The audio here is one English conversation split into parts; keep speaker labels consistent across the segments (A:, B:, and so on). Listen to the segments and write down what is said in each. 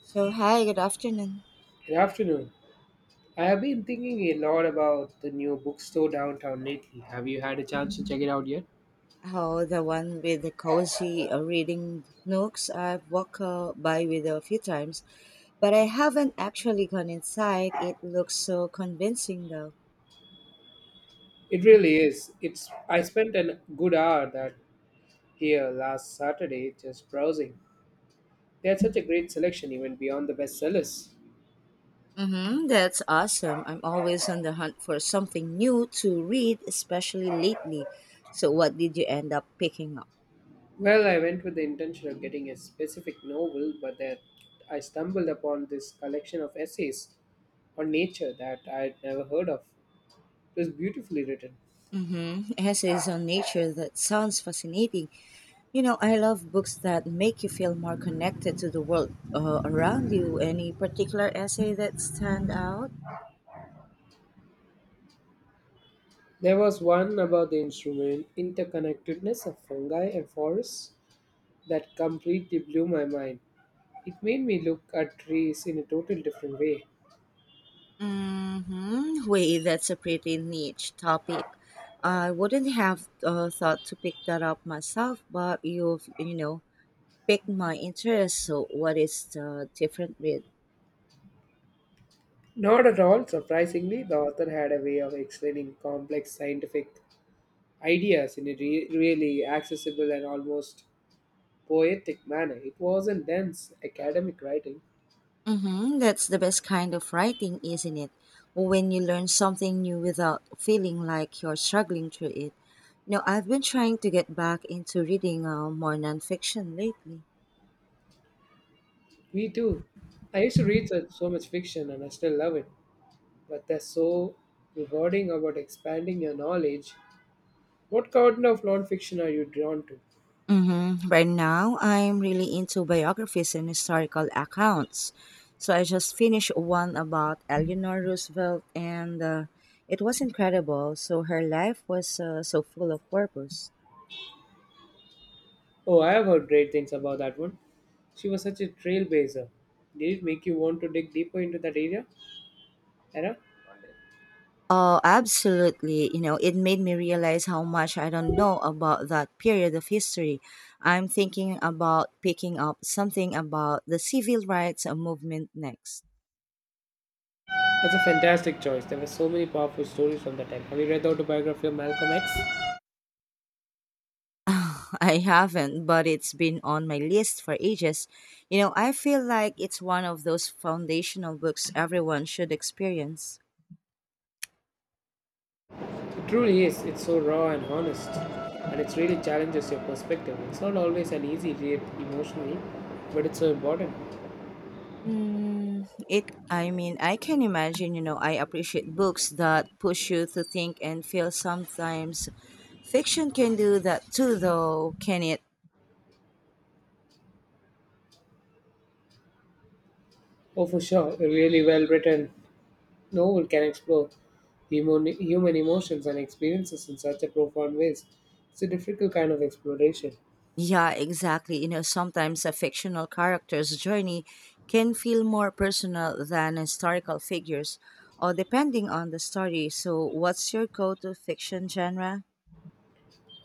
A: So, hi, good afternoon.
B: Good afternoon. I have been thinking a lot about the new bookstore downtown lately. Have you had a chance to check it out yet?
A: Oh, the one with the cozy reading nooks I've walked by with a few times, but I haven't actually gone inside. It looks so convincing, though.
B: It really is. It's I spent a good hour that here last Saturday just browsing. They had such a great selection even beyond the bestsellers.
A: Mm-hmm, that's awesome. I'm always on the hunt for something new to read, especially lately. So, what did you end up picking up?
B: Well, I went with the intention of getting a specific novel, but then I stumbled upon this collection of essays on nature that I'd never heard of. It was beautifully written.
A: Mm-hmm, essays on nature. That sounds fascinating. You know, I love books that make you feel more connected to the world around you. Any particular essay that stand out?
B: There was one about the instrument interconnectedness of fungi and forests that completely blew my mind. It made me look at trees in a totally different way.
A: Mm-hmm. Wait, that's a pretty niche topic. I wouldn't have thought to pick that up myself, but you've picked my interest. So, what is the different read?
B: Not at all surprisingly, the author had a way of explaining complex scientific ideas in a really accessible and almost poetic manner. It wasn't dense academic writing.
A: Mm-hmm. That's the best kind of writing, isn't it? Well, when you learn something new without feeling like you're struggling through it. You know, I've been trying to get back into reading more nonfiction lately.
B: Me too. I used to read so much fiction and I still love it, but there's so rewarding about expanding your knowledge. What kind of non-fiction are you drawn to?
A: Mm-hmm. Right now, I'm really into biographies and historical accounts. So I just finished one about Eleanor Roosevelt, and it was incredible. So her life was so full of purpose.
B: Oh, I have heard great things about that one. She was such a trailblazer. Did it make you want to dig deeper into that area? Era?
A: Oh, absolutely. You know, it made me realize how much I don't know about that period of history. I'm thinking about picking up something about the civil rights movement next.
B: That's a fantastic choice. There were so many powerful stories from that time. Have you read the autobiography of Malcolm X?
A: I haven't, but it's been on my list for ages. You know, I feel like it's one of those foundational books everyone should experience.
B: It truly is. It's so raw and honest. And it really challenges your perspective. It's not always an easy read emotionally, but it's so important.
A: I mean, I can imagine, you know, I appreciate books that push you to think and feel sometimes. Fiction can do that too, though, can it?
B: Oh, for sure. Really well written novel can explore human emotions and experiences in such a profound ways. It's a difficult kind of exploration.
A: Yeah, exactly. You know, sometimes a fictional character's journey can feel more personal than historical figures, or depending on the story. So, what's your go to fiction genre?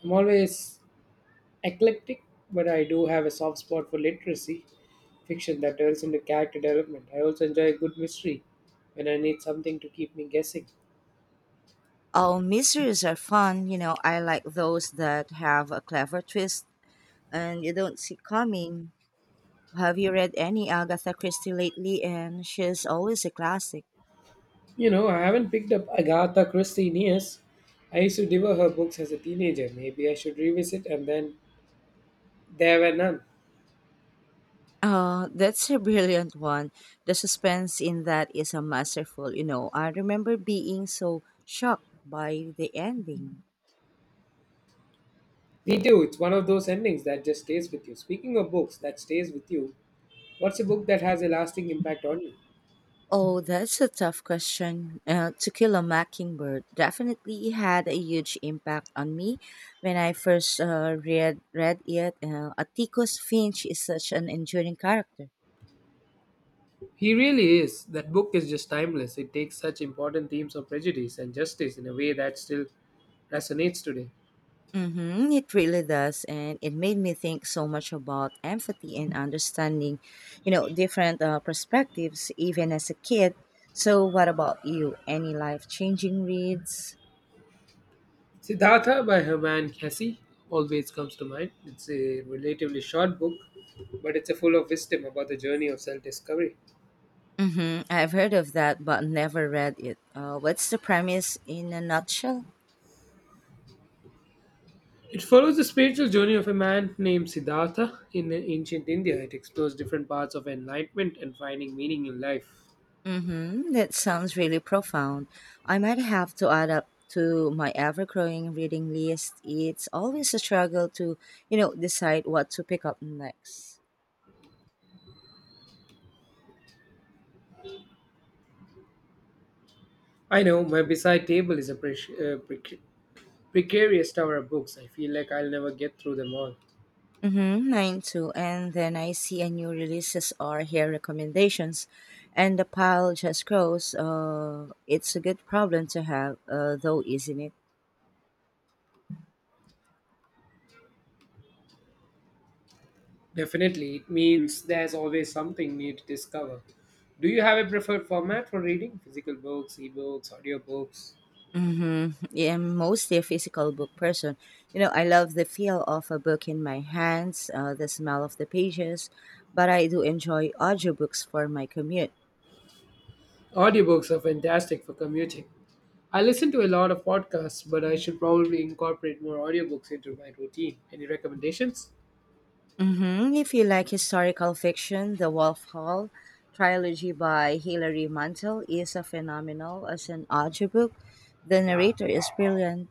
B: I'm always eclectic, but I do have a soft spot for literacy fiction that delves into character development. I also enjoy a good mystery when I need something to keep me guessing.
A: Oh, mysteries are fun. You know, I like those that have a clever twist and you don't see coming. Have you read any Agatha Christie lately? And she's always a classic.
B: You know, I haven't picked up Agatha Christie in years. I used to devour her books as a teenager. Maybe I should revisit, and then there were none.
A: That's a brilliant one. The suspense in that is a masterful, you know. I remember being so shocked by the ending.
B: Me too. It's one of those endings that just stays with you. Speaking of books that stays with you, what's a book that has a lasting impact on you?
A: Oh, that's a tough question. To Kill a Mockingbird definitely had a huge impact on me when I first read it. Atticus Finch is such an enduring character.
B: He really is. That book is just timeless. It takes such important themes of prejudice and justice in a way that still resonates today.
A: Mm-hmm, it really does. And it made me think so much about empathy and understanding, you know, different perspectives, even as a kid. So, what about you? Any life changing reads?
B: Siddhartha by Herman Hesse always comes to mind. It's a relatively short book, but it's a full of wisdom about the journey of self-discovery.
A: Mm-hmm, I've heard of that, but never read it. What's the premise in a nutshell?
B: It follows the spiritual journey of a man named Siddhartha in ancient India. It explores different paths of enlightenment and finding meaning in life.
A: Mm-hmm, that sounds really profound. I might have to add up to my ever growing reading list. It's always a struggle to, you know, decide what to pick up next.
B: I know my beside table is a precarious tower of books. I feel like I'll never get through them all.
A: Mm-hmm, mine too. And then I see a new releases or hear recommendations, and the pile just grows. It's a good problem to have, though, isn't it?
B: Definitely, it means there's always something new to discover. Do you have a preferred format for reading? Physical books, ebooks, audiobooks?
A: Mm-hmm. Yeah, I'm mostly a physical book person. You know, I love the feel of a book in my hands, the smell of the pages, but I do enjoy audiobooks for my commute.
B: Audiobooks are fantastic for commuting. I listen to a lot of podcasts, but I should probably incorporate more audiobooks into my routine. Any recommendations?
A: If you like historical fiction, the Wolf Hall trilogy by Hilary Mantel is a phenomenal as an audiobook. The narrator is brilliant.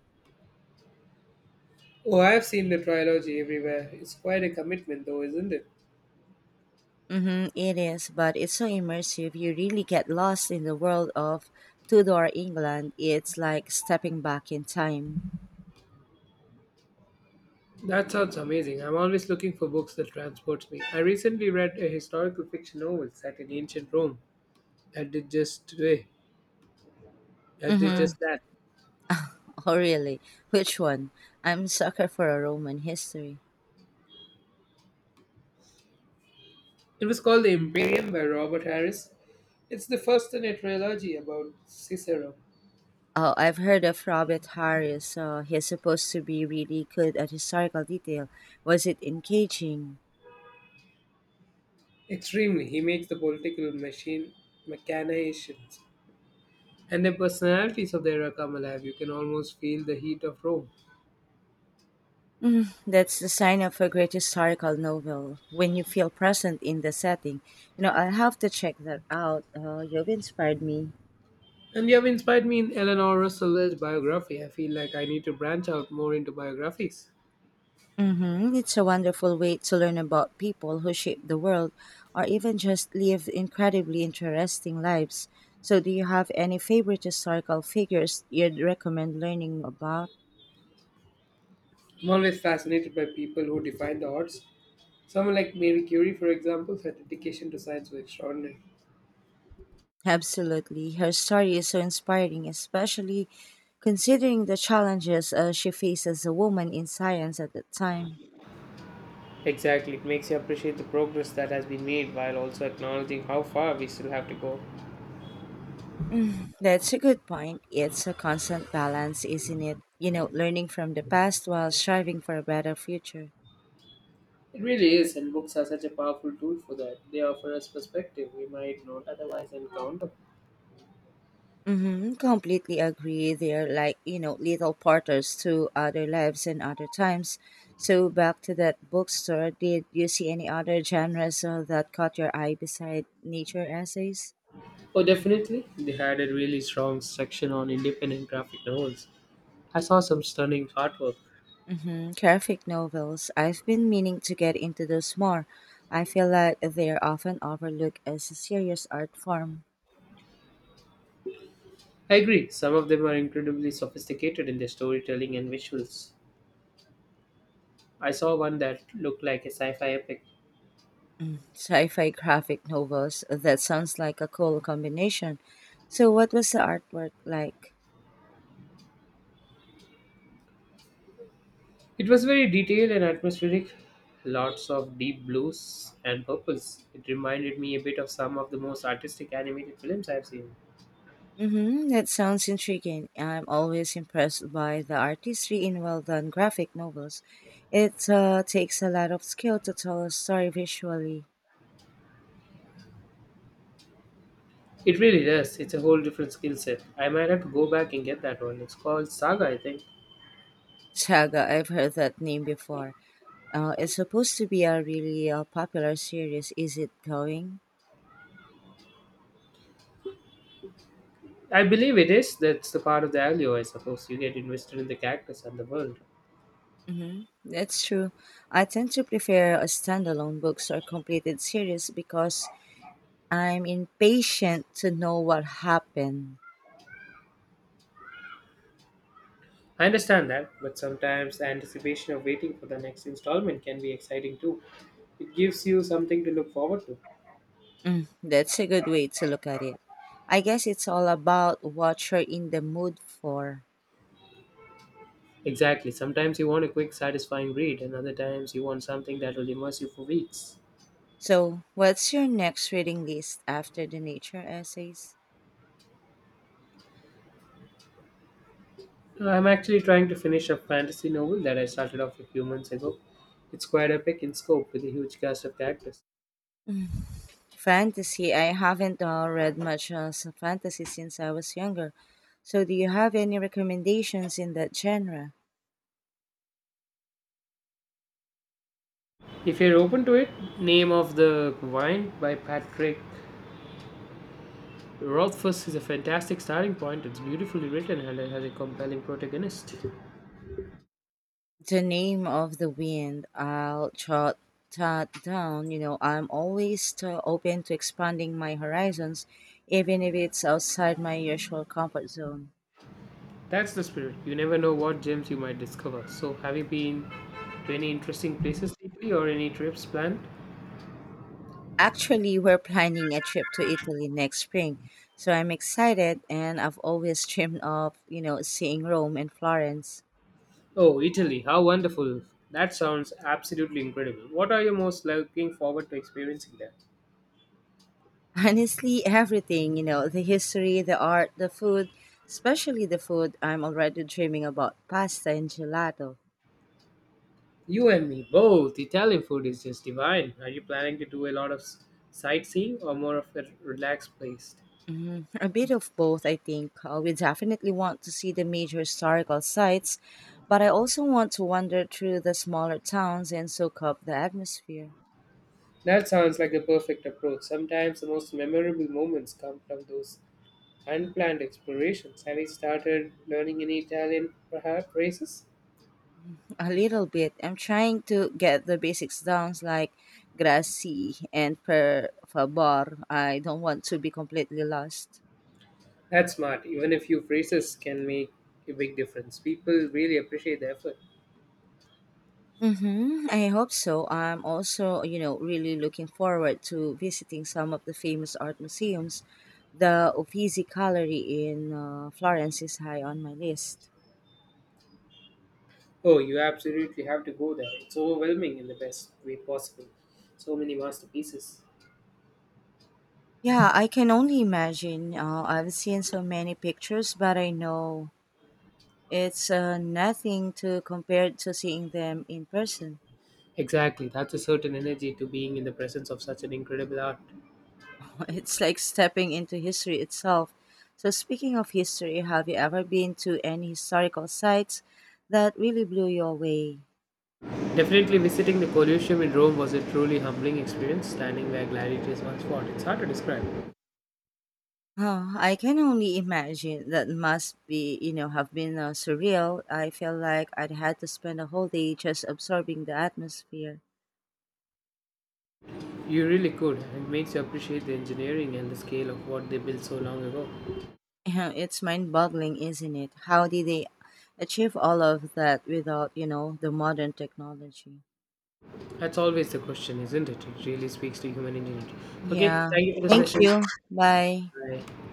B: Oh, I have seen the trilogy everywhere. It's quite a commitment, though, isn't it?
A: Mm-hmm, it is, but it's so immersive. You really get lost in the world of Tudor England. It's like stepping back in time.
B: That sounds amazing. I'm always looking for books that transports me. I recently read a historical fiction novel set in ancient Rome that did just today. That did
A: Mm-hmm.
B: just that.
A: Oh, really? Which one? I'm a sucker for a Roman history.
B: It was called The Imperium by Robert Harris. It's the first in a trilogy about Cicero.
A: Oh, I've heard of Robert Harris. He's supposed to be really good at historical detail. Was it engaging?
B: Extremely, he makes the political machine machinations and the personalities of the era come alive. You can almost feel the heat of Rome.
A: Mm, that's the sign of a great historical novel when you feel present in the setting. You know, I'll have to check that out. You've inspired me.
B: And you have inspired me in Eleanor Roosevelt's biography. I feel like I need to branch out more into biographies.
A: Mm-hmm. It's a wonderful way to learn about people who shaped the world or even just lived incredibly interesting lives. So, do you have any favorite historical figures you'd recommend learning about?
B: I'm always fascinated by people who define the odds. Someone like Marie Curie, for example, her dedication to science was extraordinary.
A: Absolutely. Her story is so inspiring, especially considering the challenges she faced as a woman in science at the time.
B: Exactly, it makes you appreciate the progress that has been made while also acknowledging how far we still have to go.
A: That's a good point. It's a constant balance, isn't it? You know, learning from the past while striving for a better future.
B: It really is, and books are such a powerful tool for that. They offer us perspective we might not otherwise encounter.
A: Mm-hmm. Completely agree. They're like, you know, little porters to other lives and other times. So back to that bookstore, did you see any other genres that caught your eye beside nature essays?
B: Oh, definitely. They had a really strong section on independent graphic novels. I saw some stunning artwork.
A: Graphic novels. I've been meaning to get into those more. I feel like they're often overlooked as a serious art form.
B: I agree, some of them are incredibly sophisticated in their storytelling and visuals. I saw one that looked like a sci fi epic.
A: Sci fi graphic novels. That sounds like a cool combination. So, what was the artwork like?
B: It was very detailed and atmospheric, lots of deep blues and purples. It reminded me a bit of some of the most artistic animated films I've seen.
A: Mm-hmm, that sounds intriguing. I'm always impressed by the artistry in well done graphic novels. It takes a lot of skill to tell a story visually.
B: It really does, it's a whole different skill set. I might have to go back and get that one. It's called Saga, I think.
A: Saga, I've heard that name before. It's supposed to be a really popular series. Is it going?
B: I believe it is. That's the part of the value, I suppose. You get invested in the characters and the world.
A: Mm-hmm. That's true. I tend to prefer a standalone books or completed series because I'm impatient to know what happened.
B: I understand that, but sometimes the anticipation of waiting for the next installment can be exciting too. It gives you something to look forward to.
A: Mm, that's a good way to look at it. I guess it's all about what you're in the mood for.
B: Exactly. Sometimes you want a quick, satisfying read, and other times you want something that will immerse you for weeks.
A: So, what's your next reading list after the nature essays?
B: I'm actually trying to finish a fantasy novel that I started off a few months ago. It's quite epic in scope with a huge cast of characters.
A: Fantasy. I haven't read much fantasy since I was younger. So, do you have any recommendations in that genre?
B: If you're open to it, Name of the Wine by Patrick Rothfuss is a fantastic starting point. It's beautifully written and it has a compelling protagonist.
A: The Name of the Wind. I'll jot that down. You know, I'm always open to expanding my horizons, even if it's outside my usual comfort zone.
B: That's the spirit. You never know what gems you might discover. So, have you been to any interesting places lately or any trips planned?
A: Actually, we're planning a trip to Italy next spring, so I'm excited, and I've always dreamed of, you know, seeing Rome and Florence.
B: Oh, Italy. How wonderful. That sounds absolutely incredible. What are you most looking forward to experiencing there?
A: Honestly, everything, you know, the history, the art, the food, especially the food, I'm already dreaming about pasta and gelato.
B: You and me both. Italian food is just divine. Are you planning to do a lot of sightseeing or more of a relaxed place?
A: A bit of both, I think. We definitely want to see the major historical sites, but I also want to wander through the smaller towns and soak up the atmosphere
B: That sounds like the perfect approach. Sometimes the most memorable moments come from those unplanned explorations. Have you started learning any Italian, perhaps, phrases?
A: a little bit. I'm trying to get the basics down, like grazie and per favor. I don't want to be completely lost.
B: That's smart. Even a few phrases can make a big difference. People really appreciate the effort.
A: Mm-hmm. I hope so. I'm also, you know, really looking forward to visiting some of the famous art museums. The Uffizi Gallery in Florence is high on my list.
B: Oh, you absolutely have to go there. It's overwhelming in the best way possible. So many masterpieces.
A: Yeah, I can only imagine. I've seen so many pictures, but I know it's nothing to compare to seeing them in person.
B: Exactly. That's a certain energy to being in the presence of such an incredible art.
A: It's like stepping into history itself. So, speaking of history, have you ever been to any historical sites that really blew you away?
B: Definitely visiting the Colosseum in Rome was a truly humbling experience, standing where gladiators once fought. It's hard to describe.
A: Oh, I can only imagine. That must be, you know, have been surreal. I feel like I'd had to spend a whole day just absorbing the atmosphere.
B: You really could. It makes you appreciate the engineering and the scale of what they built so long ago.
A: It's mind-boggling, isn't it? How did they achieve all of that without, you know, the modern technology?
B: That's always the question, isn't it? It really speaks to human ingenuity. Okay,
A: Yeah.
B: thank you for the
A: Thank
B: session.
A: you. Bye.
B: Bye.